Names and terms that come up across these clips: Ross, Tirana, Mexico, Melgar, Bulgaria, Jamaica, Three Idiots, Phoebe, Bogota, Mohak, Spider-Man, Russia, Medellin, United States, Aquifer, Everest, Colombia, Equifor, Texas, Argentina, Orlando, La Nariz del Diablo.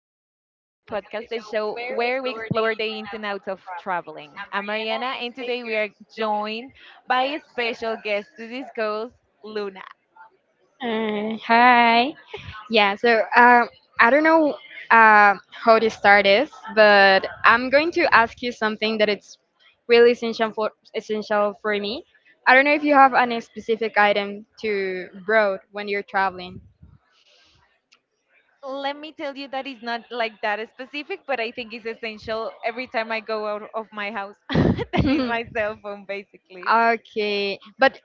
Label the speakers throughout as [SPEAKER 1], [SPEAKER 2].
[SPEAKER 1] podcast, the show where we explore the ins and outs of traveling. I'm Mariana, and today we are joined by a special guest to discuss Luna.
[SPEAKER 2] Hi. Yeah, so I don't know, uh, how to start this, but I'm going to ask you something that it's really essential for me. I don't know if you have any specific item to brought when you're traveling.
[SPEAKER 1] Let me tell you that it's not like that specific, but I think it's essential every time I go out of my house. That is my cell phone, basically.
[SPEAKER 2] Okay, but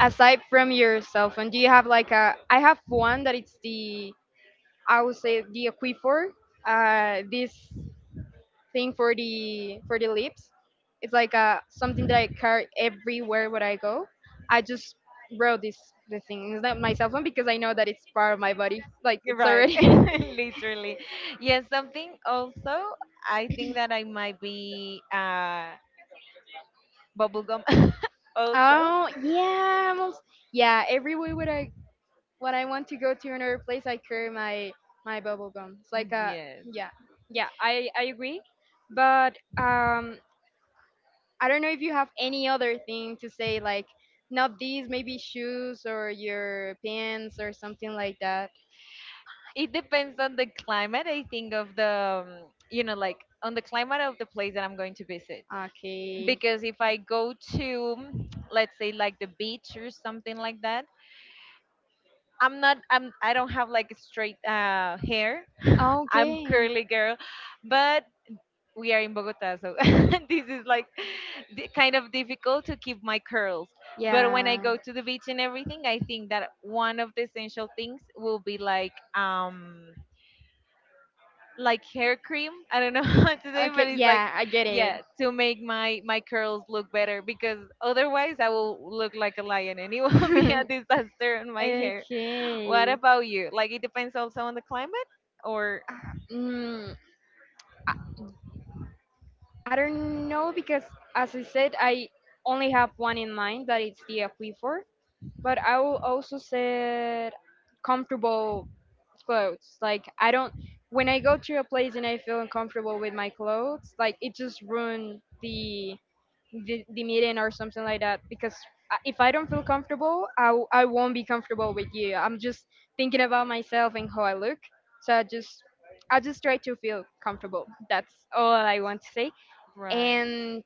[SPEAKER 2] aside from your cell phone, do you have like a? I have one that it's the I would say the Equifor. This thing for the lips. It's like a something that I carry everywhere where I go. I just wrote this, the thing. It's not my cell phone because I know that it's part of my body. Like,
[SPEAKER 1] You're
[SPEAKER 2] it's
[SPEAKER 1] right,
[SPEAKER 2] already.
[SPEAKER 1] literally. Yes, something also, I think that I might be bubblegum also.
[SPEAKER 2] Oh yeah, I yeah. Everywhere where I When I want to go to another place, I carry my bubble gum. It's like a.
[SPEAKER 1] Yes.
[SPEAKER 2] Yeah, yeah. I agree, but I don't know if you have any other thing to say, like not these, maybe shoes or your pants or something like that.
[SPEAKER 1] It depends on the climate, I think, of the, like on the climate of the place that I'm going to visit.
[SPEAKER 2] Okay.
[SPEAKER 1] Because if I go to, let's say, like the beach or something like that, I'm not I'm I don't have like straight hair. I'm
[SPEAKER 2] Okay.
[SPEAKER 1] curly girl, but we are in Bogota, so this is like kind of difficult to keep my curls. But when I
[SPEAKER 2] Yeah.
[SPEAKER 1] go to the beach and everything, I think that one of the essential things will be like hair cream. I don't know how to say, but
[SPEAKER 2] Okay.
[SPEAKER 1] it's like
[SPEAKER 2] Yeah, I get it.
[SPEAKER 1] yeah, to make my curls look better because otherwise I will look like a lion and it will be a disaster on my hair. What
[SPEAKER 2] Okay.
[SPEAKER 1] about you? Like it depends also on the climate or
[SPEAKER 2] Mm. I don't know because, as I said, I only have one in mind that it's the Aquifer. But I will also say comfortable clothes. Like, I don't when I go to a place and I feel uncomfortable with my clothes, like it just ruin the the meeting or something like that. Because if I don't feel comfortable, I won't be comfortable with you. I'm just thinking about myself and how I look. So I just try to feel comfortable. That's all I want to say,
[SPEAKER 1] right.
[SPEAKER 2] and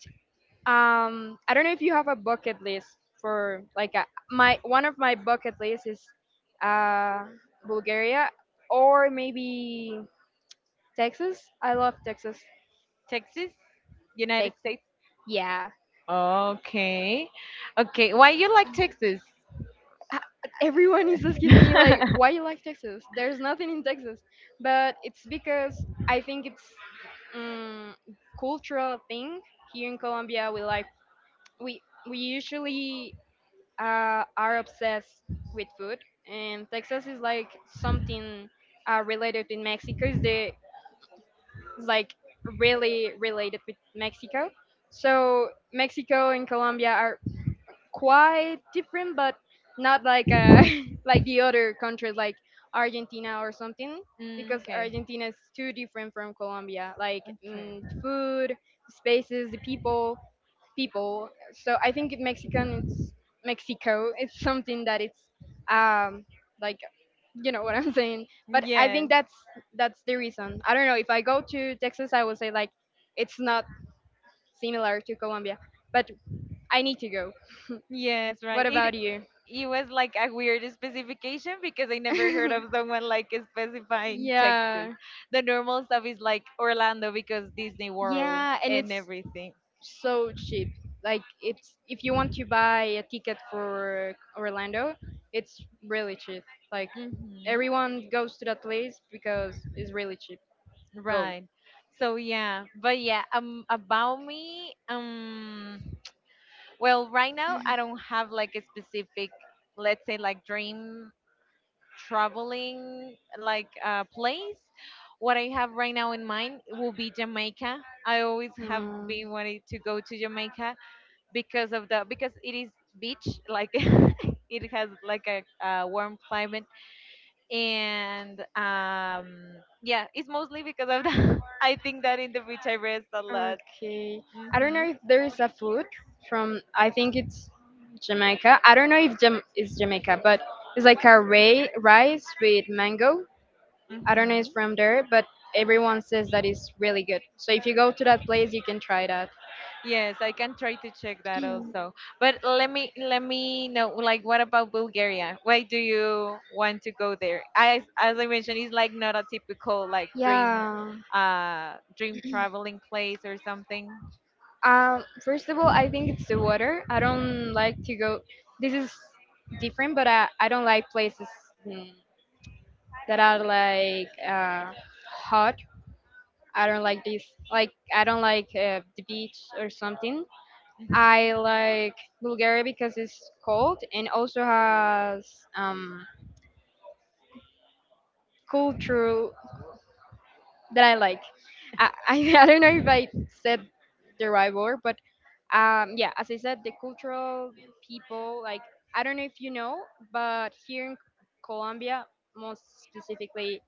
[SPEAKER 2] I don't know if you have a bucket list for like a, my one of my bucket lists is uh, Bulgaria or maybe Texas. I love Texas.
[SPEAKER 1] Texas, United
[SPEAKER 2] Texas.
[SPEAKER 1] States.
[SPEAKER 2] Yeah.
[SPEAKER 1] Okay. Okay. Why you like Texas?
[SPEAKER 2] Uh, Everyone is asking me, like, why you like Texas? There's nothing in Texas, but it's because I think it's, um, cultural thing here in Colombia. We like we we usually are obsessed with food, and Texas is like something related with Mexico. Is like really related with Mexico. So Mexico and Colombia are quite different, but not like like the other countries like Argentina or something,
[SPEAKER 1] Mm,
[SPEAKER 2] because
[SPEAKER 1] okay.
[SPEAKER 2] Argentina is too different from Colombia. Like,
[SPEAKER 1] Okay.
[SPEAKER 2] food, spaces, the people. So I think Mexican Mexico. It's something that it's, um, like, you know what I'm saying. But I think
[SPEAKER 1] Yes.
[SPEAKER 2] that's the reason. I don't know, if I go to Texas, I will say like it's not similar to Colombia, but I need to go.
[SPEAKER 1] Yes,
[SPEAKER 2] What
[SPEAKER 1] right. It
[SPEAKER 2] about you?
[SPEAKER 1] it was like a weird specification because I never heard of someone like specifying Texas.
[SPEAKER 2] Yeah,
[SPEAKER 1] The normal stuff is like Orlando because Disney World
[SPEAKER 2] yeah, and
[SPEAKER 1] and
[SPEAKER 2] it's
[SPEAKER 1] everything.
[SPEAKER 2] so cheap. Like, it's, if you want to buy a ticket for Orlando, it's really cheap. Like,
[SPEAKER 1] Hmm.
[SPEAKER 2] everyone goes to that place because it's really cheap. Go.
[SPEAKER 1] Right. So yeah, but yeah, about me, well, right now I don't have like a specific, let's say, like dream traveling like place, what I have right now in mind will be Jamaica. I always have been wanting to go to Jamaica because of the because it is beach like it has like a warm climate, and yeah, it's mostly because of that. I think that in the beach I rest a lot.
[SPEAKER 2] Okay. I don't
[SPEAKER 1] Mm-hmm,
[SPEAKER 2] know if there is a food from, I think it's Jamaica. I don't know if Jam is Jamaica, but it's like a ray rice with mango. I don't know it's
[SPEAKER 1] mm-hmm.
[SPEAKER 2] from there, but everyone says that it's really good. So if you go to that place, you can try that.
[SPEAKER 1] Yes, I can try to check that also. But let me know, like, what about Bulgaria? Why do you want to go there? As I mentioned, it's like not a typical like dream
[SPEAKER 2] Yeah.
[SPEAKER 1] dream traveling place or something.
[SPEAKER 2] First of all, I think it's the water. I don't like to go. This is different, but I don't like places, mm, that are like, hot. I don't like this. Like, I don't like the beach or something. I
[SPEAKER 1] Mhm.
[SPEAKER 2] like Bulgaria because it's cold and also has, um, culture that I like. I don't know if I said the right word, but, yeah, as I said, the cultural people, like, I don't know if you know, but here in Colombia, most specifically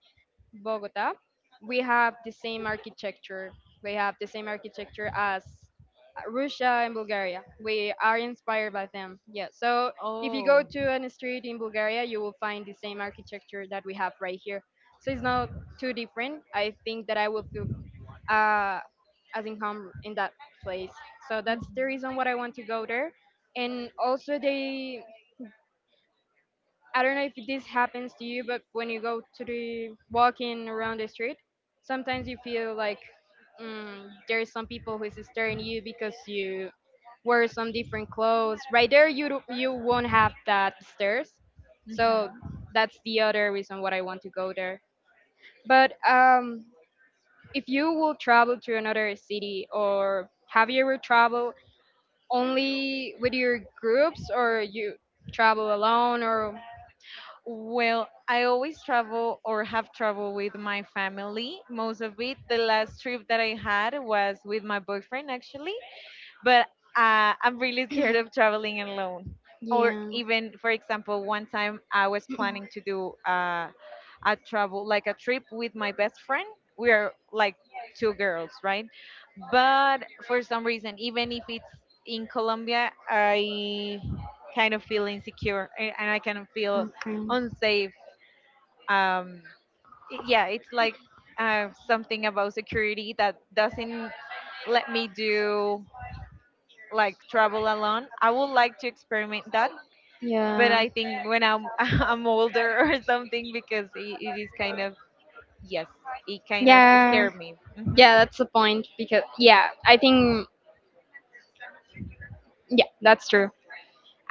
[SPEAKER 2] Bogota, we have the same architecture. We have the same architecture as Russia and Bulgaria. We are inspired by them. Yeah. So if you go
[SPEAKER 1] Oh.
[SPEAKER 2] to an street in Bulgaria, you will find the same architecture that we have right here. So it's not too different. I think that I will feel, uh, as in home in that place. So
[SPEAKER 1] Mhm.
[SPEAKER 2] that's the reason what I want to go there. And also they, I don't know if this happens to you, but when you go to the walking around the street, sometimes you feel like, there's some people who is staring you because you wear some different clothes. Right there, you won't have that stares. So
[SPEAKER 1] Mhm.
[SPEAKER 2] that's the other reason what I want to go there. But, if you will travel to another city, or have you ever traveled only with your groups, or you travel alone, or.
[SPEAKER 1] Well, I always travel or have traveled with my family. Most of it, the last trip that I had was with my boyfriend actually. But I'm really scared of traveling alone. Or
[SPEAKER 2] Yeah.
[SPEAKER 1] even, for example, one time I was planning to do a travel, like a trip with my best friend. We are like two girls, right? But for some reason, even if it's in Colombia, I kind of feel insecure and I kind of feel
[SPEAKER 2] Okay.
[SPEAKER 1] unsafe. Um, yeah, it's like something about security that doesn't let me do like travel alone. I would like to experiment that, but
[SPEAKER 2] Yeah.
[SPEAKER 1] I think when I'm I'm older or something because it is kind of yes, it kind of
[SPEAKER 2] Yeah.
[SPEAKER 1] scared me. Hmm.
[SPEAKER 2] Yeah, that's the point, because yeah, I think yeah, that's true.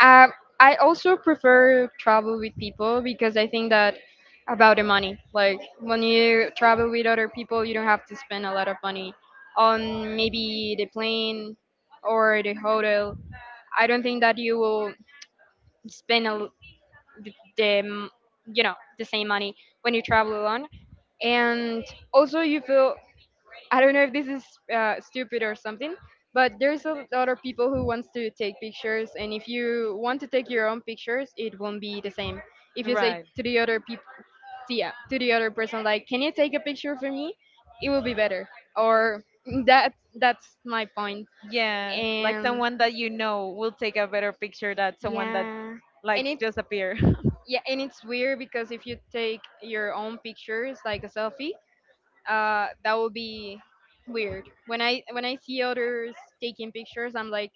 [SPEAKER 2] Um, I also prefer travel with people because I think that about the money. Like, when you travel with other people, you don't have to spend a lot of money on maybe the plane or the hotel. I don't think that you will spend the, the m- you know the same money when you travel alone. And also, you feel, I don't know if this is stupid or something, but there's a lot of people who wants to take pictures, and if you want to take your own pictures, it won't be the same. If you say
[SPEAKER 1] Right.
[SPEAKER 2] to the other people, yeah, to the other person, like, "Can you take a picture for me?" It will be better. Or that that's my point.
[SPEAKER 1] Yeah, like
[SPEAKER 2] And
[SPEAKER 1] someone that you know will take a better picture than someone that
[SPEAKER 2] yeah,
[SPEAKER 1] like
[SPEAKER 2] and it's,
[SPEAKER 1] just appear.
[SPEAKER 2] yeah, and it's weird because if you take your own pictures, like a selfie, that would be weird. When I see others taking pictures, I'm like,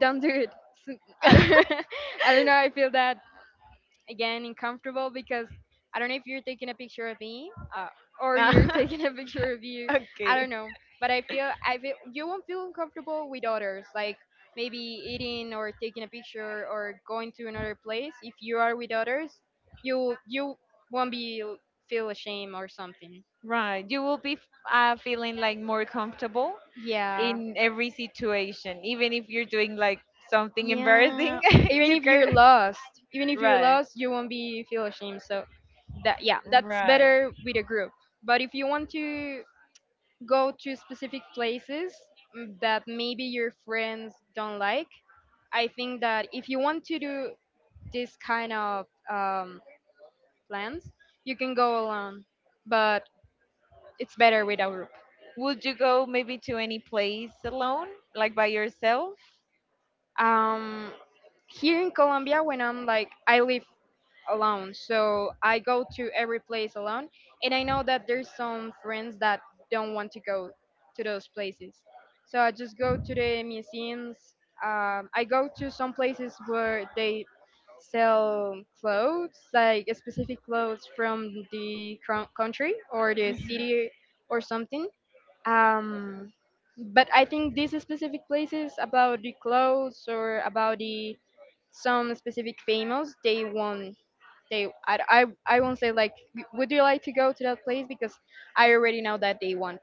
[SPEAKER 2] don't do it. I don't. I don't know. I feel that again uncomfortable because I don't know if you're taking a picture of me, or you're
[SPEAKER 1] Ah,
[SPEAKER 2] taking a picture of you. I
[SPEAKER 1] okay.
[SPEAKER 2] don't know, but I feel you won't feel uncomfortable with others, like. Maybe eating or taking a picture or going to another place. If you are with others, you won't be feel ashamed or something.
[SPEAKER 1] Right. You will be feeling like more comfortable
[SPEAKER 2] Yeah.
[SPEAKER 1] in every situation, even if you're doing like something
[SPEAKER 2] Yeah,
[SPEAKER 1] embarrassing.
[SPEAKER 2] even
[SPEAKER 1] You
[SPEAKER 2] if you're
[SPEAKER 1] can.
[SPEAKER 2] lost,
[SPEAKER 1] Right.
[SPEAKER 2] you won't be feel ashamed. So that, yeah, that's
[SPEAKER 1] Right.
[SPEAKER 2] better with a group. But if you want to go to specific places, that maybe your friends don't like, I think that if you want to do this kind of, plans, you can go alone. But it's better with a group.
[SPEAKER 1] Would you go maybe to any place alone, like by yourself?
[SPEAKER 2] Um, Here in Colombia, when I'm like, I live alone. So I go to every place alone, and I know that there's some friends that don't want to go to those places. So I just go to the museums. I go to some places where they sell clothes, like specific clothes from the country or the city or something. Um, but I think these specific places about the clothes or about the some specific famous, they won't, they, I won't say, like, would you like to go to that place because I already know that they want.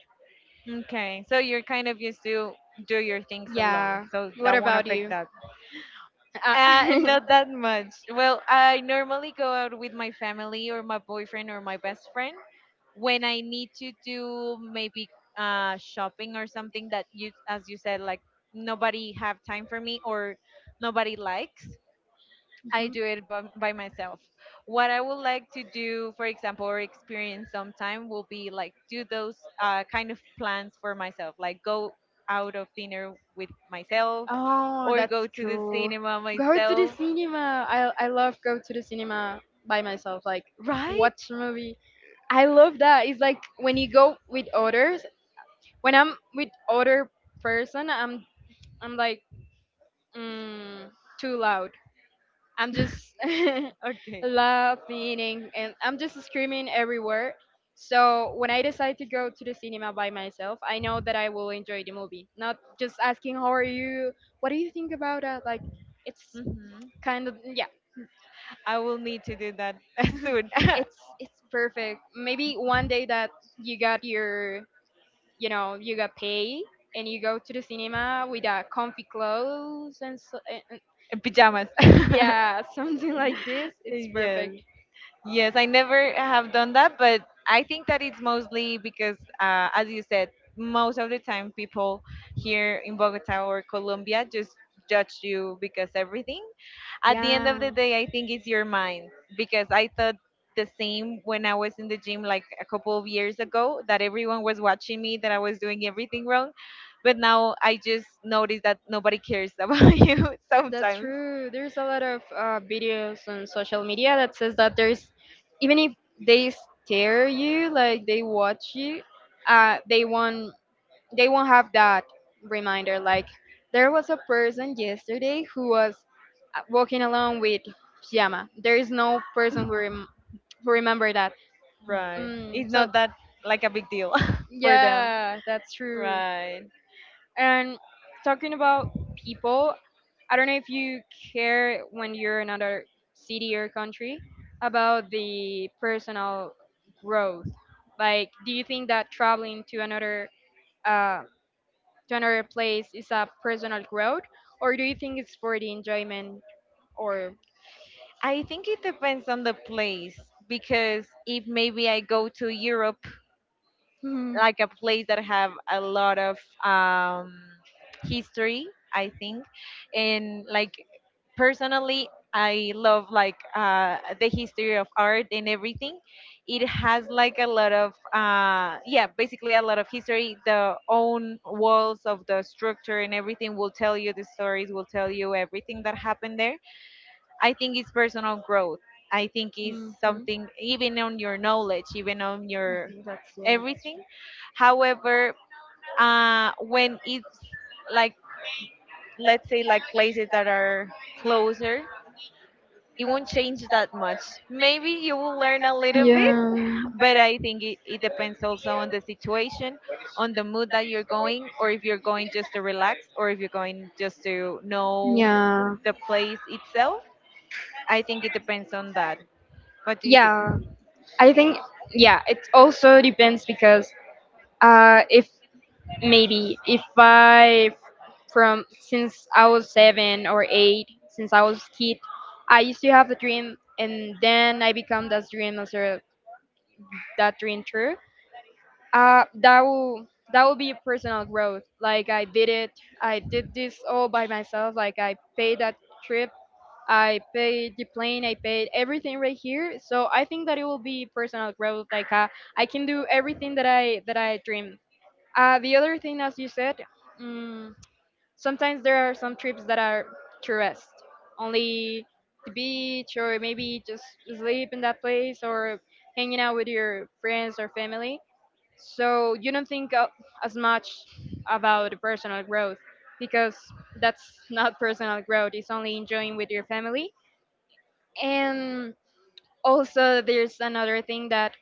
[SPEAKER 1] Okay, so you're kind of used to do your things alone,
[SPEAKER 2] Yeah.
[SPEAKER 1] so
[SPEAKER 2] What
[SPEAKER 1] that won't
[SPEAKER 2] about
[SPEAKER 1] affect
[SPEAKER 2] you?
[SPEAKER 1] that.
[SPEAKER 2] Uh,
[SPEAKER 1] Not that much. Well, I normally go out with my family or my boyfriend or my best friend when I need to do maybe shopping or something that you, as you said, like nobody have time for me or nobody likes. I
[SPEAKER 2] Mhm.
[SPEAKER 1] do it by myself. What I would like to do, for example, or experience sometime will be like do those kind of plans for myself, like go out of dinner with myself
[SPEAKER 2] Oh,
[SPEAKER 1] or go
[SPEAKER 2] that's
[SPEAKER 1] to the
[SPEAKER 2] cool.
[SPEAKER 1] cinema
[SPEAKER 2] Go to the
[SPEAKER 1] myself,
[SPEAKER 2] cinema. I love go to the cinema by myself. Like,
[SPEAKER 1] right?
[SPEAKER 2] watch a movie. I love that. It's like when you go with others. When I'm with other person, I'm like, mm, too loud. I'm just
[SPEAKER 1] Okay.
[SPEAKER 2] laughing, and I'm just screaming everywhere. So when I decide to go to the cinema by myself, I know that I will enjoy the movie. Not just asking how are you, what do you think about it? Like, it's
[SPEAKER 1] Hmm.
[SPEAKER 2] kind of yeah,
[SPEAKER 1] I will need to do that soon.
[SPEAKER 2] it's perfect. Maybe one day that you got your, you got pay, and you go to the cinema with a comfy clothes, and, so, and
[SPEAKER 1] Pajamas.
[SPEAKER 2] yeah, something like this. It's
[SPEAKER 1] Yes.
[SPEAKER 2] perfect.
[SPEAKER 1] Yes, I never have done that, but I think that it's mostly because, as you said, most of the time people here in Bogota or Colombia just judge you because everything. At the end
[SPEAKER 2] Yeah.
[SPEAKER 1] of the day, I think it's your mind because I thought the same when I was in the gym like a couple of years ago that everyone was watching me, that I was doing everything wrong. But now I just notice that nobody cares about you
[SPEAKER 2] That's
[SPEAKER 1] sometimes.
[SPEAKER 2] true. There's a lot of videos on social media that says that there's, even if they stare you, like they watch you, uh, they won't they won't have that reminder. Like, there was a person yesterday who was walking along with pajama. There is no person who who remember that.
[SPEAKER 1] Right.
[SPEAKER 2] Mm,
[SPEAKER 1] It's
[SPEAKER 2] so
[SPEAKER 1] not that like a big deal for them.
[SPEAKER 2] yeah, that's true.
[SPEAKER 1] Right.
[SPEAKER 2] And talking about people, I don't know if you care when you're in another city or country about the personal growth. Like, do you think that traveling to another, uh, to another place is a personal growth, or do you think it's for the enjoyment? Or,
[SPEAKER 1] I think it depends on the place because if maybe I go to Europe, like a place that have a lot of um, history, I think, and like personally, I love like the history of art and everything. It has like a lot of yeah, basically a lot of history. The own walls of the structure and everything will tell you the stories, will tell you everything that happened there. I think it's personal growth. I think it's something even on your knowledge, even on your
[SPEAKER 2] that's true.
[SPEAKER 1] everything. However, when it's like, let's say, like places that are closer, it won't change that much. Maybe you will learn a little bit,
[SPEAKER 2] Yeah.
[SPEAKER 1] but I think it depends also on the situation, on the mood that you're going, or if you're going just to relax, or if you're going just to know
[SPEAKER 2] Yeah,
[SPEAKER 1] the place itself. I think it depends on that. What do you think?
[SPEAKER 2] yeah. I think yeah, it also depends because if maybe if I, from since I was 7 or 8, since I was kid, I used to have a dream, and then I become that dream as a, that dream true. uh, that will that will be personal growth. Like, I did it, I did this all by myself. Like, I paid that trip, I paid the plane, I paid everything right here. So I think that it will be personal growth. Like I can do everything that I dream. The other thing, as you said, mm sometimes there are some trips that are tourist, only the beach, or maybe just sleep in that place or hanging out with your friends or family, so you don't think as much about personal growth, because that's not personal growth. It's only enjoying with your family. And also, there's another thing that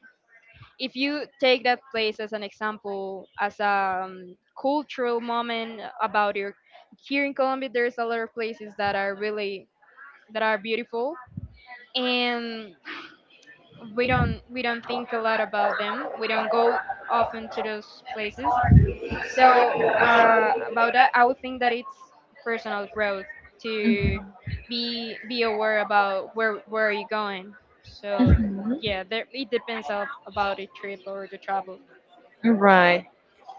[SPEAKER 2] if you take that place as an example, as a cultural moment about your, here in Colombia, there's a lot of places that are really, that are beautiful, and we don't think a lot about them. We don't go often to those places. So about that, I would think that it's personal growth to be aware about where are you going. So
[SPEAKER 1] Mhm.
[SPEAKER 2] yeah, there, it depends of, about the trip or the travel.
[SPEAKER 1] Right.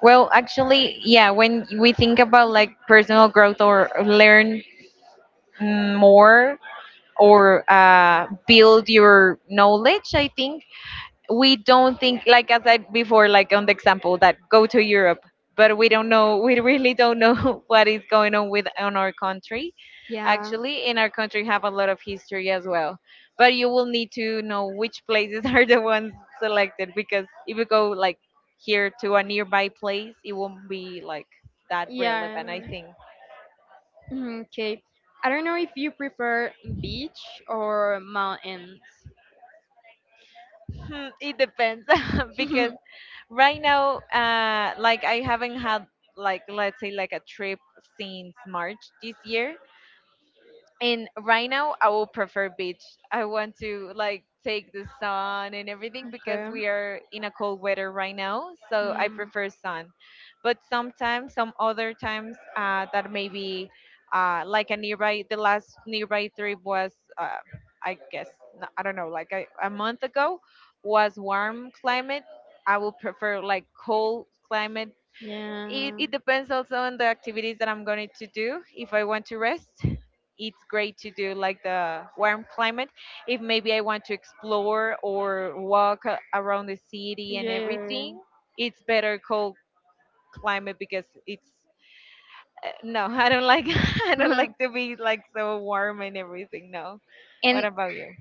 [SPEAKER 1] Well, actually, yeah, when we think about like personal growth or learn more or build your knowledge, I think we don't think like, as I said before, like on the example that go to Europe, but we don't know. We really don't know what is going on with on our country.
[SPEAKER 2] Yeah.
[SPEAKER 1] Actually, in our country have a lot of history as well, but you will need to know which places are the ones selected because if you go like here to a nearby place, it won't be like that
[SPEAKER 2] Yeah.
[SPEAKER 1] relevant, I think.
[SPEAKER 2] Okay. I don't know if you prefer beach or mountains.
[SPEAKER 1] Hmm, it depends, because right now, like I haven't had like, let's say, like a trip since March this year, and right now I will prefer beach. I want to like take the sun and everything because
[SPEAKER 2] Okay.
[SPEAKER 1] we are in a cold weather right now, so I
[SPEAKER 2] Mm.
[SPEAKER 1] prefer sun. But sometimes, some other times, that maybe like a nearby, the last nearby trip was I guess, I don't know, like a month ago, was warm climate. I will prefer like cold climate. it,
[SPEAKER 2] Yeah.
[SPEAKER 1] it depends also on the activities that I'm going to do. If I want to rest, it's great to do like the warm climate. If maybe I want to explore or walk around the city and
[SPEAKER 2] Yeah. Yeah, yeah.
[SPEAKER 1] everything, it's better cold climate because it's no. I don't like, I don't
[SPEAKER 2] and
[SPEAKER 1] like to be like so warm and everything, no. What about you?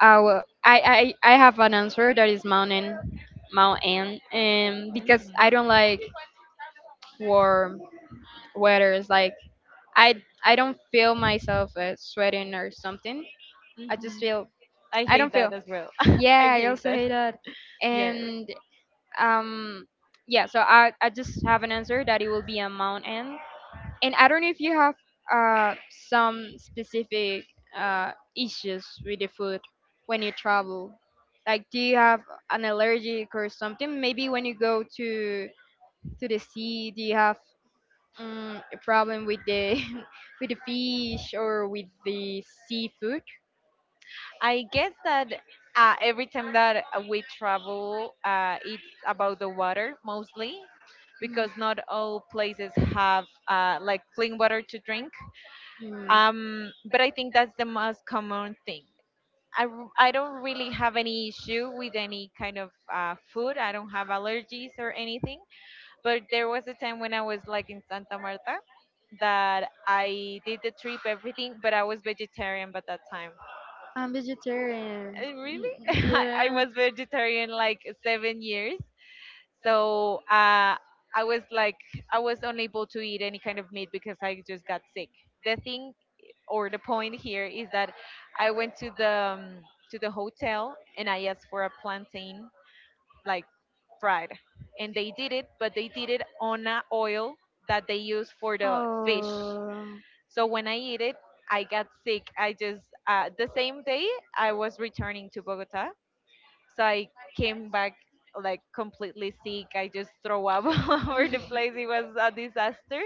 [SPEAKER 2] our I have an answer that is mountain, and because I
[SPEAKER 1] Hmm.
[SPEAKER 2] don't like warm weathers. Like I I don't feel myself sweating or something. I just
[SPEAKER 1] Hmm.
[SPEAKER 2] feel,
[SPEAKER 1] I
[SPEAKER 2] I
[SPEAKER 1] hate
[SPEAKER 2] don't feel,
[SPEAKER 1] that as well. I
[SPEAKER 2] yeah, I
[SPEAKER 1] hate
[SPEAKER 2] also
[SPEAKER 1] that.
[SPEAKER 2] hate that.
[SPEAKER 1] Yes.
[SPEAKER 2] And um yeah, so I just have an answer that it will be a mountain. And I don't know if you have uh, some specific issues with the food when you travel. Like, do you have an allergic or something? Maybe when you go to the sea, do you have a problem with the with the fish or with the seafood?
[SPEAKER 1] I guess that every time that we travel, it's about the water mostly,
[SPEAKER 2] Mm.
[SPEAKER 1] because not all places have like clean water to drink.
[SPEAKER 2] Mm.
[SPEAKER 1] But I think that's the most common thing. I don't really have any issue with any kind of food. I don't have allergies or anything. But there was a time when I was like in Santa Marta that I did the trip, everything, but I was vegetarian by that time.
[SPEAKER 2] I'm vegetarian.
[SPEAKER 1] Really? I
[SPEAKER 2] Mm.
[SPEAKER 1] was vegetarian like 7 years. So I was like, I was unable to eat any kind of meat because I just got sick. The thing or the point here is that I went um, to the hotel and I asked for a plantain like fried, and they did it, but they did it on a oil that they use for
[SPEAKER 2] Yeah.
[SPEAKER 1] the fish.
[SPEAKER 2] Oh.
[SPEAKER 1] So when I eat it, I got sick. I just the same day I was returning to Bogota, so I came back like completely sick. I just throw up all over the place. It was a disaster,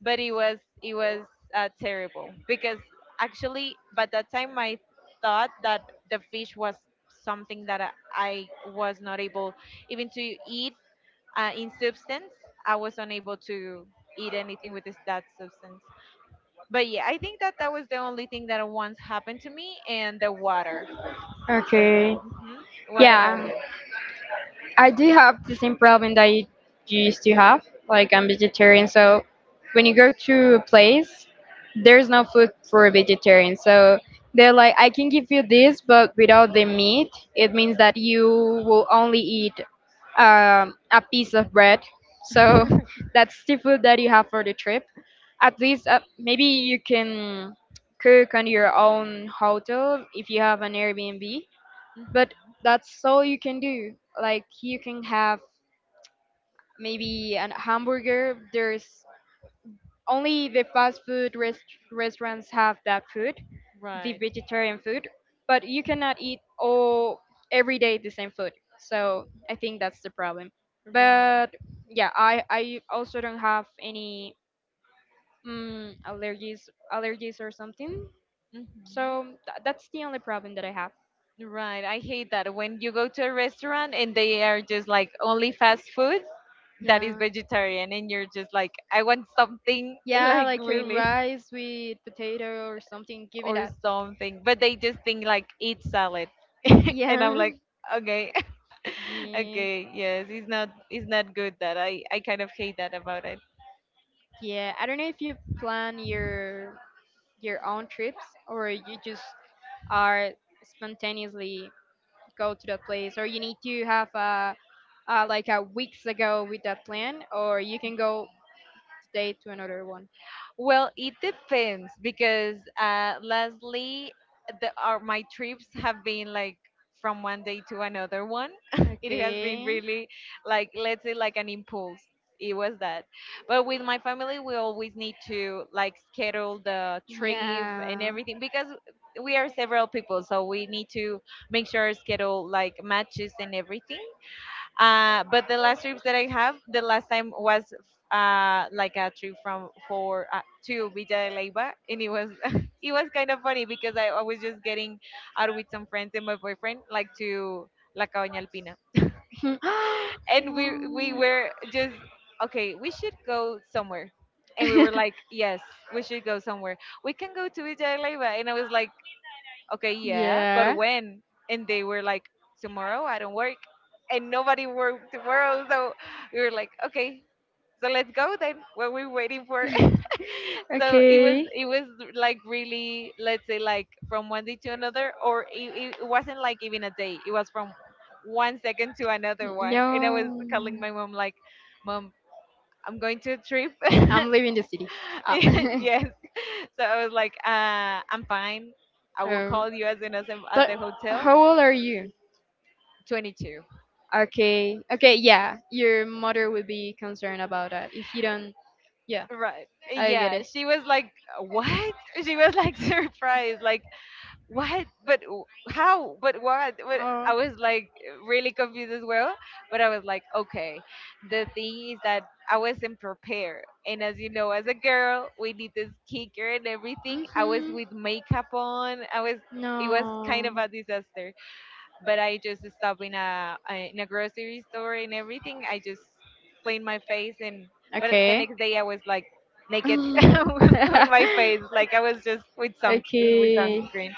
[SPEAKER 1] but it was terrible because actually, by that time I thought that the fish was something that I was not able even to eat in substance. I was unable to eat anything with this, that substance. But yeah, I think that that was the only thing that once happened to me, and the water. But
[SPEAKER 2] Okay.
[SPEAKER 1] what
[SPEAKER 2] Yeah,
[SPEAKER 1] about you?
[SPEAKER 2] I do have the same problem that you used to have. Like I'm vegetarian, so when you go to a place, there's no food for a vegetarian. So they're like, I can give you this, but without the meat, it means that you will only eat a piece of bread. So that's the food that you have for the trip. At least maybe you can cook on your own hotel if you have an Airbnb, but that's all you can do. Like you can have maybe an hamburger. There's only the fast food restaurants have that food, the
[SPEAKER 1] Right,
[SPEAKER 2] vegetarian food, but you cannot eat all, every day, the same food. So I think that's the problem.
[SPEAKER 1] right.
[SPEAKER 2] But yeah, I also don't have any allergies or something.
[SPEAKER 1] Hmm.
[SPEAKER 2] So that's the only problem that I have.
[SPEAKER 1] Right. I hate that when you go to a restaurant and they are just like only fast food that is
[SPEAKER 2] Yeah.
[SPEAKER 1] vegetarian and you're just like I want something
[SPEAKER 2] Yeah,
[SPEAKER 1] like
[SPEAKER 2] like a
[SPEAKER 1] really
[SPEAKER 2] rice with potato or something. Give me
[SPEAKER 1] or
[SPEAKER 2] that.
[SPEAKER 1] something, but they just think like eat salad. And I'm
[SPEAKER 2] Yeah.
[SPEAKER 1] like okay.
[SPEAKER 2] Yeah.
[SPEAKER 1] Okay, yes, it's not, it's not good that I kind of hate that about it.
[SPEAKER 2] Yeah. I don't know if you plan your own trips, or you just are spontaneously go to that place, or you need to have a like a weeks ago with that plan, or you can go today to another one.
[SPEAKER 1] Well, it depends because lastly, my trips have been like from one day to another one. It has been
[SPEAKER 2] Okay.
[SPEAKER 1] really, like, let's say, like an impulse. It was that. But with my family, we always need to like schedule the trip
[SPEAKER 2] Yeah.
[SPEAKER 1] and
[SPEAKER 2] Mhm.
[SPEAKER 1] everything because we are several people. So we need to make sure schedule like matches and everything. But the last trips that I have, the last time was like a trip from for to Villa de Leyva, and it was it was kind of funny because I was just getting out with some friends and my boyfriend, like to La Cabaña Alpina,
[SPEAKER 2] Oh.
[SPEAKER 1] and we were just okay. We should go somewhere, and we were like, yes, we should go somewhere. We can go to Villa de Leyva, and I was like, okay, yeah, but
[SPEAKER 2] yeah.
[SPEAKER 1] when? And they were like, tomorrow I don't work. And nobody worked tomorrow. So we were like, okay, so let's go then. What we waiting for. So it was
[SPEAKER 2] Okay.
[SPEAKER 1] it was like, really, let's say, like from one day to another, or it wasn't like even a day, it was from one second to another one. And I was calling
[SPEAKER 2] No.
[SPEAKER 1] my mom like, mom, I'm going to a trip.
[SPEAKER 2] I'm leaving the city. Ah.
[SPEAKER 1] Yes, so I was like, I'm fine, I will
[SPEAKER 2] Oh.
[SPEAKER 1] call you as soon as I'm at
[SPEAKER 2] But
[SPEAKER 1] the hotel.
[SPEAKER 2] how old are you?
[SPEAKER 1] 22.
[SPEAKER 2] Okay, okay, yeah. Your mother will be concerned about that. If you don't, yeah,
[SPEAKER 1] Right.
[SPEAKER 2] I get it.
[SPEAKER 1] Yeah, she was like, "What?" She was like surprised, like, "What? But w- how? But what?" But
[SPEAKER 2] Oh.
[SPEAKER 1] I was like really confused as well. But I was like, "Okay." The thing is that I wasn't prepared, and as you know, as a girl, we need this skincare and everything. I was
[SPEAKER 2] Mm-hmm.
[SPEAKER 1] with makeup on. I was. It was
[SPEAKER 2] No.
[SPEAKER 1] kind of a disaster. But I just stop in in a grocery store and everything. I just clean my face and but the
[SPEAKER 2] Okay.
[SPEAKER 1] next day I was like naked
[SPEAKER 2] Mm.
[SPEAKER 1] on my face, like I was just with sun with
[SPEAKER 2] okay.
[SPEAKER 1] sunscreen.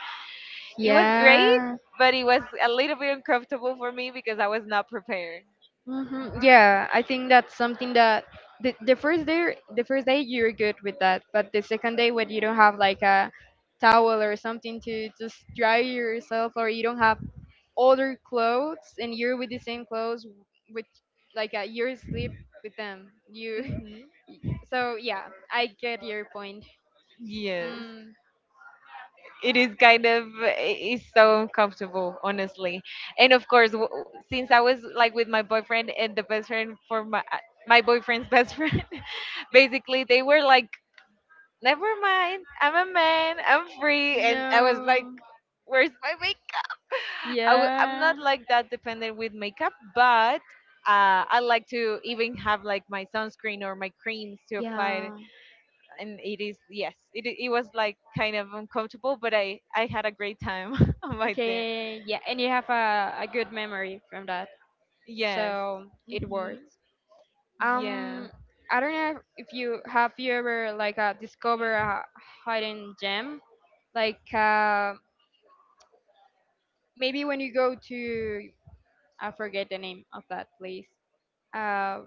[SPEAKER 1] It was great,
[SPEAKER 2] Yeah.
[SPEAKER 1] but it was a little bit uncomfortable for me because I was not prepared.
[SPEAKER 2] Yeah, I think that's something that, the, the first day, you're good with that, but the second day when you don't have like a towel or something to just dry yourself, or you don't have other clothes and you're with the same clothes, with like a, you're sleep with them. You
[SPEAKER 1] Hmm.
[SPEAKER 2] so yeah, I get your point.
[SPEAKER 1] Yes,
[SPEAKER 2] Mm.
[SPEAKER 1] it is kind of, it's so uncomfortable, honestly. And of course, since I was like with my boyfriend and the best friend for my my boyfriend's best friend, basically they were like, never mind, I'm a man, I'm free, and I was like,
[SPEAKER 2] No.
[SPEAKER 1] where's my makeup? I'm
[SPEAKER 2] Yeah.
[SPEAKER 1] not like that dependent with makeup, but I like to even have like my sunscreen or my creams to apply.
[SPEAKER 2] Yeah.
[SPEAKER 1] And it is, yes, it was like kind of uncomfortable, but i had a great time right there.
[SPEAKER 2] Okay, yeah, and you have a good memory from that,
[SPEAKER 1] Yes.
[SPEAKER 2] so it
[SPEAKER 1] Hmm.
[SPEAKER 2] works.
[SPEAKER 1] Yeah.
[SPEAKER 2] Um, I don't know if you have, you ever like discover a hidden gem, like maybe when you go to, I forget the name of that place. Uh,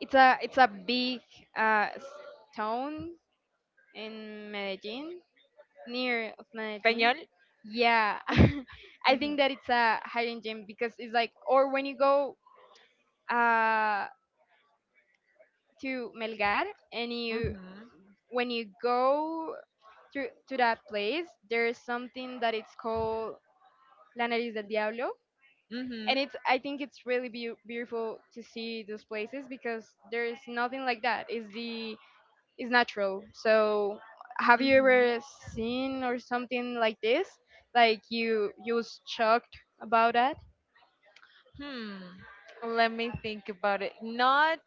[SPEAKER 2] it's a, it's a big uh s- town in Medellin, near of Medellin.
[SPEAKER 1] Español.
[SPEAKER 2] Yeah, I think that it's a hidden gem, because it's like, or when you go uh, to Melgar, and you,
[SPEAKER 1] Mhm.
[SPEAKER 2] when you go to that place, there's something that it's called La Nariz del Diablo,
[SPEAKER 1] Mhm.
[SPEAKER 2] and
[SPEAKER 1] Mhm.
[SPEAKER 2] it's, I think it's really beautiful to see those places, because there's nothing like that. It's the, it's natural. So have you
[SPEAKER 1] Mhm.
[SPEAKER 2] ever seen or something like this? Like you was shocked about that?
[SPEAKER 1] Hmm. Let me think about it. Not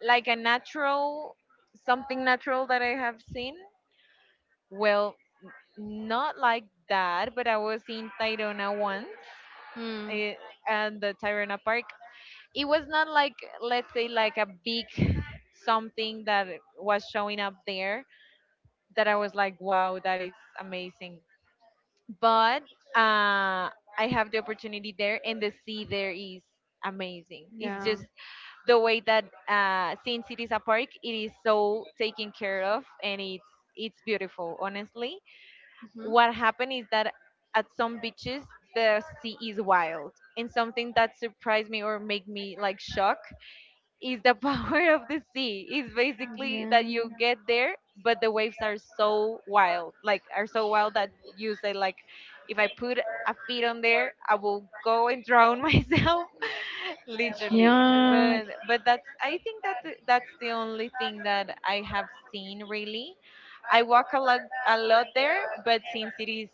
[SPEAKER 1] like a natural, something natural that I have seen. Well, not like that, but I was in Tayrona once,
[SPEAKER 2] Hmm.
[SPEAKER 1] eh, at the Tayrona Park. It was not like, let's say, like a big something that was showing up there that I was like, wow, that is amazing. But uh, I have the opportunity there, and the sea there is amazing. It's
[SPEAKER 2] Yeah.
[SPEAKER 1] just the way that, since it is a park, it is so taken care of, and it's beautiful. Honestly,
[SPEAKER 2] Mhm.
[SPEAKER 1] what happened is that at some beaches the sea is wild, and something that surprised me or made me like shocked is the power
[SPEAKER 2] Yeah.
[SPEAKER 1] of the sea. It's basically that you get there, but the waves are so wild, like are so wild, that you say like, if I put a feet on there, I will go and drown myself, literally.
[SPEAKER 2] Yeah.
[SPEAKER 1] But that's, I think that that's the only thing that I have seen really. I walk a lot there, but since it is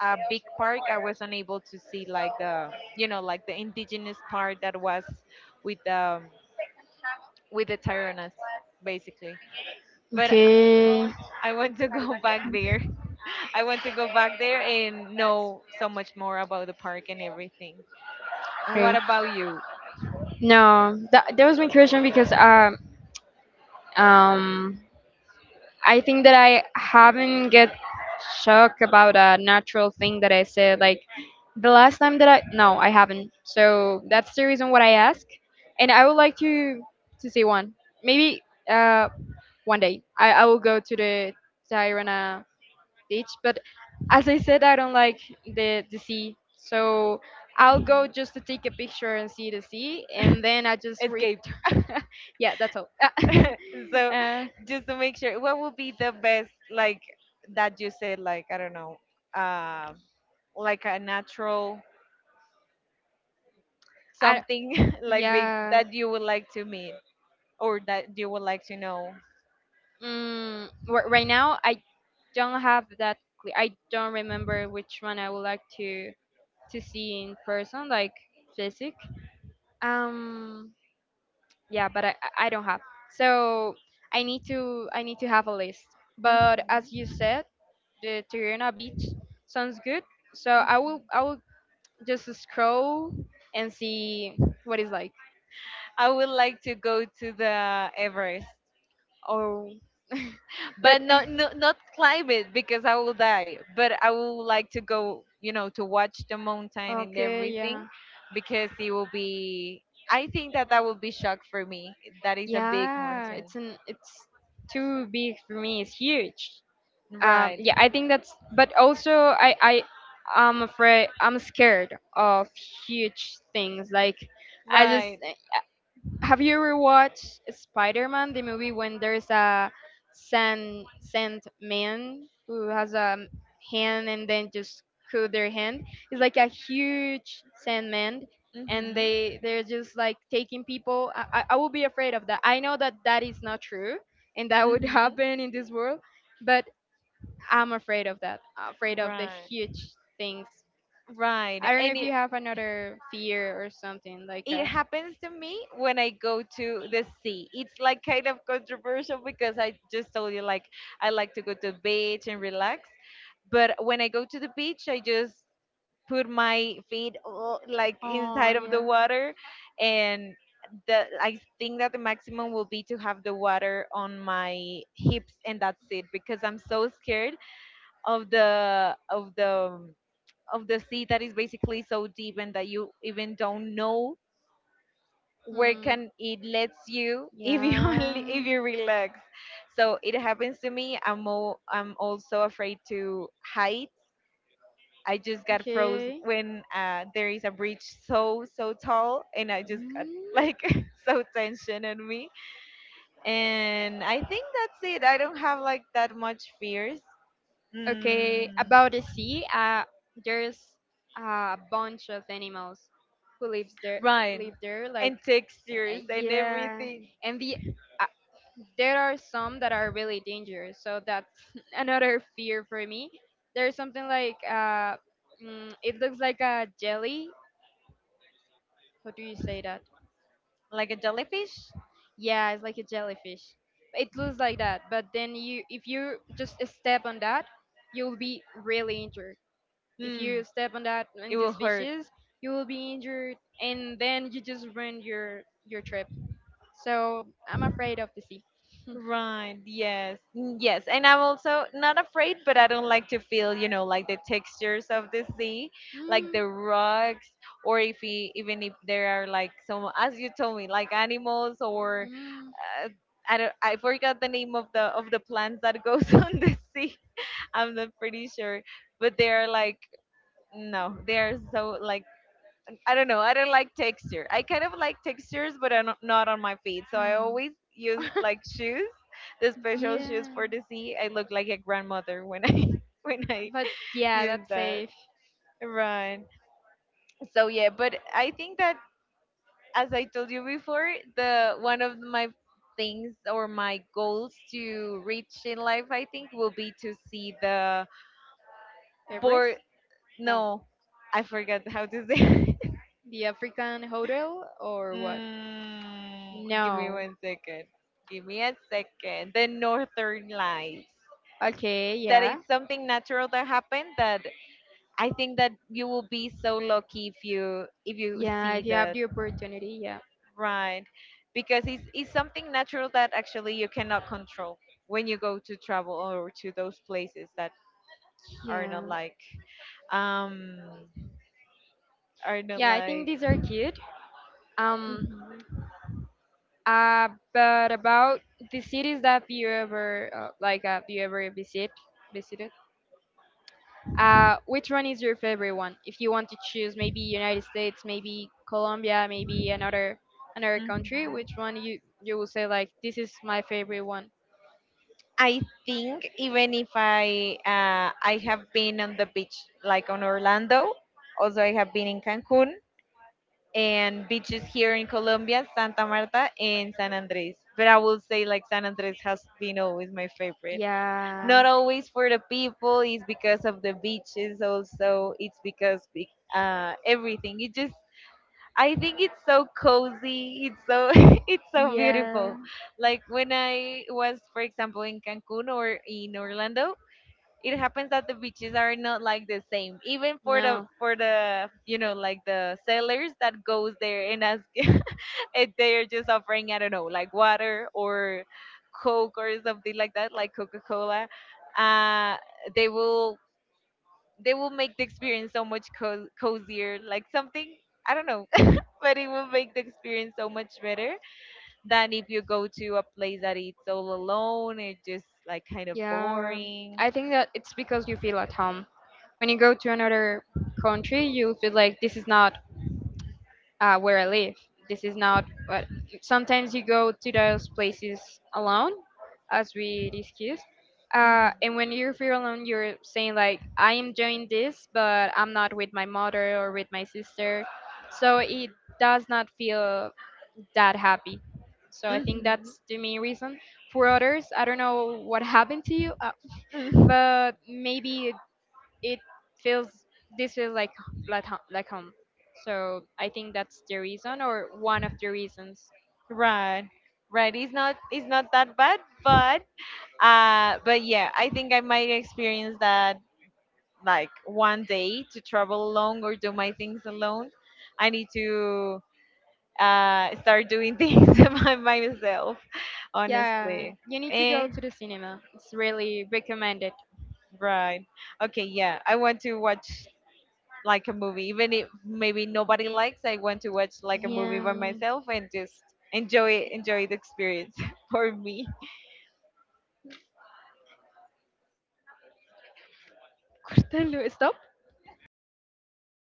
[SPEAKER 1] a big park, I was unable to see like, the you know, like the indigenous part that was with the Tyrannus, basically. But
[SPEAKER 2] Okay.
[SPEAKER 1] I want to go back there. I want to go back there and know so much more about the park and everything. And
[SPEAKER 2] Okay.
[SPEAKER 1] what about you?
[SPEAKER 2] No, that that was my question, because um I think that I haven't get shocked about a natural thing that I said. Like the last time that I, no, I haven't. So that's the reason what I ask, and I would like to see one. Maybe uh one day I will go to the Tirana beach, but as I said, I don't like the sea. So I'll go just to take a picture and see the sea, and then I just read.
[SPEAKER 1] Escape.
[SPEAKER 2] yeah, that's all.
[SPEAKER 1] So
[SPEAKER 2] uh,
[SPEAKER 1] just to make sure, what would be the best, like, that you said, like, I don't know, uh, like a natural
[SPEAKER 2] I
[SPEAKER 1] something like big
[SPEAKER 2] yeah.
[SPEAKER 1] that you would like to meet or that you would like to know?
[SPEAKER 2] Mm, right now, I don't have that clear. I don't remember which one I would like to see in person, like physic. Um, yeah, but I don't have. So I need to have a list. But as
[SPEAKER 1] Mhm.
[SPEAKER 2] you said, the Tirana Beach sounds good. So I will just scroll and see what it's like.
[SPEAKER 1] I would like to go to the Everest.
[SPEAKER 2] Or, but
[SPEAKER 1] But not, no, not climb it because I will die. But I would like to go, you know, to watch the mountain and
[SPEAKER 2] okay,
[SPEAKER 1] everything,
[SPEAKER 2] yeah,
[SPEAKER 1] because it will be. I think that that will be shock for me. That is a big
[SPEAKER 2] yeah.
[SPEAKER 1] mountain.
[SPEAKER 2] It's an, it's too big for me. It's huge.
[SPEAKER 1] Right,
[SPEAKER 2] Yeah, I think that's. But also, I'm afraid. I'm scared of huge things. Like I just,
[SPEAKER 1] right.
[SPEAKER 2] have you ever watched Spider-Man, the movie when there's a sand man who has a hand and then just cut their hand? It's like a huge sandman, and
[SPEAKER 1] Mhm.
[SPEAKER 2] they, they're just like taking people. I would be afraid of that. I know that that is not true, and that would
[SPEAKER 1] Mhm.
[SPEAKER 2] happen in this world, but I'm afraid of that. Afraid of the
[SPEAKER 1] Right,
[SPEAKER 2] huge things.
[SPEAKER 1] right.
[SPEAKER 2] I don't know
[SPEAKER 1] And
[SPEAKER 2] if you have another fear or something like
[SPEAKER 1] it
[SPEAKER 2] that.
[SPEAKER 1] happens to me when I go to the sea. It's like kind of controversial because I just told you like I like to go to the beach and relax. But when I go to the beach, I just put my feet, oh, like
[SPEAKER 2] Oh,
[SPEAKER 1] inside of the
[SPEAKER 2] yeah.
[SPEAKER 1] water, and the I think that the maximum will be to have the water on my hips, and that's it, because I'm so scared of the of the sea that is basically so deep and that you even don't know where
[SPEAKER 2] Hmm.
[SPEAKER 1] can it lets you if you only if
[SPEAKER 2] Yeah.
[SPEAKER 1] you relax. So it happens to me, I'm also afraid to heights. I just got froze
[SPEAKER 2] Okay.
[SPEAKER 1] when there is a bridge so so tall and I just got
[SPEAKER 2] Hmm.
[SPEAKER 1] like so tension on me. And I think that's it, I don't have like that much fears.
[SPEAKER 2] Okay,
[SPEAKER 1] Mm,
[SPEAKER 2] about the sea, there's a bunch of animals who lives there.
[SPEAKER 1] right.
[SPEAKER 2] Live there, like
[SPEAKER 1] And textures and
[SPEAKER 2] yeah,
[SPEAKER 1] everything.
[SPEAKER 2] and the uh, there are some that are really dangerous. So that's another fear for me. There's something like it looks like a jelly. How do you say that?
[SPEAKER 1] Like a jellyfish.
[SPEAKER 2] Yeah, it's like a jellyfish. It looks like that, but then you, if you just step on that, you'll be really injured. If you
[SPEAKER 1] Mm,
[SPEAKER 2] step on that,
[SPEAKER 1] it
[SPEAKER 2] on
[SPEAKER 1] will
[SPEAKER 2] these
[SPEAKER 1] hurt.
[SPEAKER 2] fishes, you will be injured, and then you just ruin your trip. So I'm afraid of the sea.
[SPEAKER 1] Right. Yes. Mm, yes. And I'm also not afraid, but I don't like to feel, you know, like the textures of the sea, like
[SPEAKER 2] Mm,
[SPEAKER 1] the rocks, or if he, even if there are like some, as you told me, like animals or
[SPEAKER 2] mm.
[SPEAKER 1] uh, I don't, I forgot the name of the plants that goes on the sea. I'm not pretty sure, but they are like, no, they are so like, I don't know. I don't like texture. I kind of like textures, but I'm not on my feet. So I
[SPEAKER 2] Hmm.
[SPEAKER 1] always use like shoes, the special shoes
[SPEAKER 2] yeah,
[SPEAKER 1] for the sea. I look like a grandmother when I when I
[SPEAKER 2] but yeah,
[SPEAKER 1] use
[SPEAKER 2] that's
[SPEAKER 1] that.
[SPEAKER 2] safe.
[SPEAKER 1] Right. So yeah, but I think that, as I told you before, the one of my things or my goals to reach in life, I think, will be to see the
[SPEAKER 2] Everest?
[SPEAKER 1] board.
[SPEAKER 2] No.
[SPEAKER 1] No, I forgot how to say.
[SPEAKER 2] The African hotel or what?
[SPEAKER 1] Mm, give me
[SPEAKER 2] No.
[SPEAKER 1] one second. Give me a second. The Northern Lights.
[SPEAKER 2] Okay,
[SPEAKER 1] That
[SPEAKER 2] yeah.
[SPEAKER 1] it's something natural that happened. That I think that you will be so lucky if you
[SPEAKER 2] Yeah,
[SPEAKER 1] see
[SPEAKER 2] if you have
[SPEAKER 1] that.
[SPEAKER 2] the opportunity, yeah.
[SPEAKER 1] Right, because it's something natural that actually you cannot control when you go to travel or to those places that are not
[SPEAKER 2] Yeah.
[SPEAKER 1] like, um are not
[SPEAKER 2] Yeah, I think
[SPEAKER 1] like.
[SPEAKER 2] these are cute. Um
[SPEAKER 1] Mhm,
[SPEAKER 2] uh but about the cities that you ever like, have you ever visited? Which one is your favorite one? If you want to choose maybe United States, maybe Colombia, maybe another, another country,
[SPEAKER 1] mhm.
[SPEAKER 2] which one you, you will say like this is my favorite one?
[SPEAKER 1] I think even if I, I have been on the beach like on Orlando, also I have been in Cancun and beaches here in Colombia, Santa Marta and San Andres. But I will say like San Andres has been always my favorite.
[SPEAKER 2] Yeah.
[SPEAKER 1] Not always for the people, it's because of the beaches also. It's because everything. It just, I think it's so cozy. It's so it's so
[SPEAKER 2] Yeah.
[SPEAKER 1] beautiful. Like when I was, for example, in Cancun or in Orlando, it happens that the beaches are not like the same. Even for the
[SPEAKER 2] No.
[SPEAKER 1] for the you know, like the sellers that goes there and ask, and they're just offering, I don't know, like water or Coke or something like that, like Coca Cola. Uh, they will they will make the experience so much cozier. Like something, I don't know, but it will make the experience so much better than if you go to a place that it's all alone. It's just like kind of
[SPEAKER 2] Yeah.
[SPEAKER 1] boring.
[SPEAKER 2] I think that it's because you feel at home. When you go to another country, you feel like this is not where I live. This is not. But sometimes you go to those places alone, as we discussed.
[SPEAKER 1] Mhm.
[SPEAKER 2] And when you feel alone, you're saying like, "I am doing this, but I'm not with my mother or with my sister," so it does not feel that happy. So I
[SPEAKER 1] Mhm.
[SPEAKER 2] think
[SPEAKER 1] Mhm.
[SPEAKER 2] that's the main reason. For others, I don't know what happened to you, but maybe it feels, this feels like like home. So I think that's the reason, or one of the reasons.
[SPEAKER 1] Right. Right. It's not, it's not that bad, but yeah, I think I might experience that, like, one day to travel alone or do my things alone. I need to start doing things by myself,
[SPEAKER 2] Yeah,
[SPEAKER 1] honestly.
[SPEAKER 2] you need to go
[SPEAKER 1] Eh,
[SPEAKER 2] to the cinema. It's really recommended.
[SPEAKER 1] right. Okay, yeah. I want to watch like a movie, even if maybe nobody likes, I want to watch like a movie by
[SPEAKER 2] Yeah.
[SPEAKER 1] myself and just enjoy the experience for me.
[SPEAKER 2] Cortalo, stop.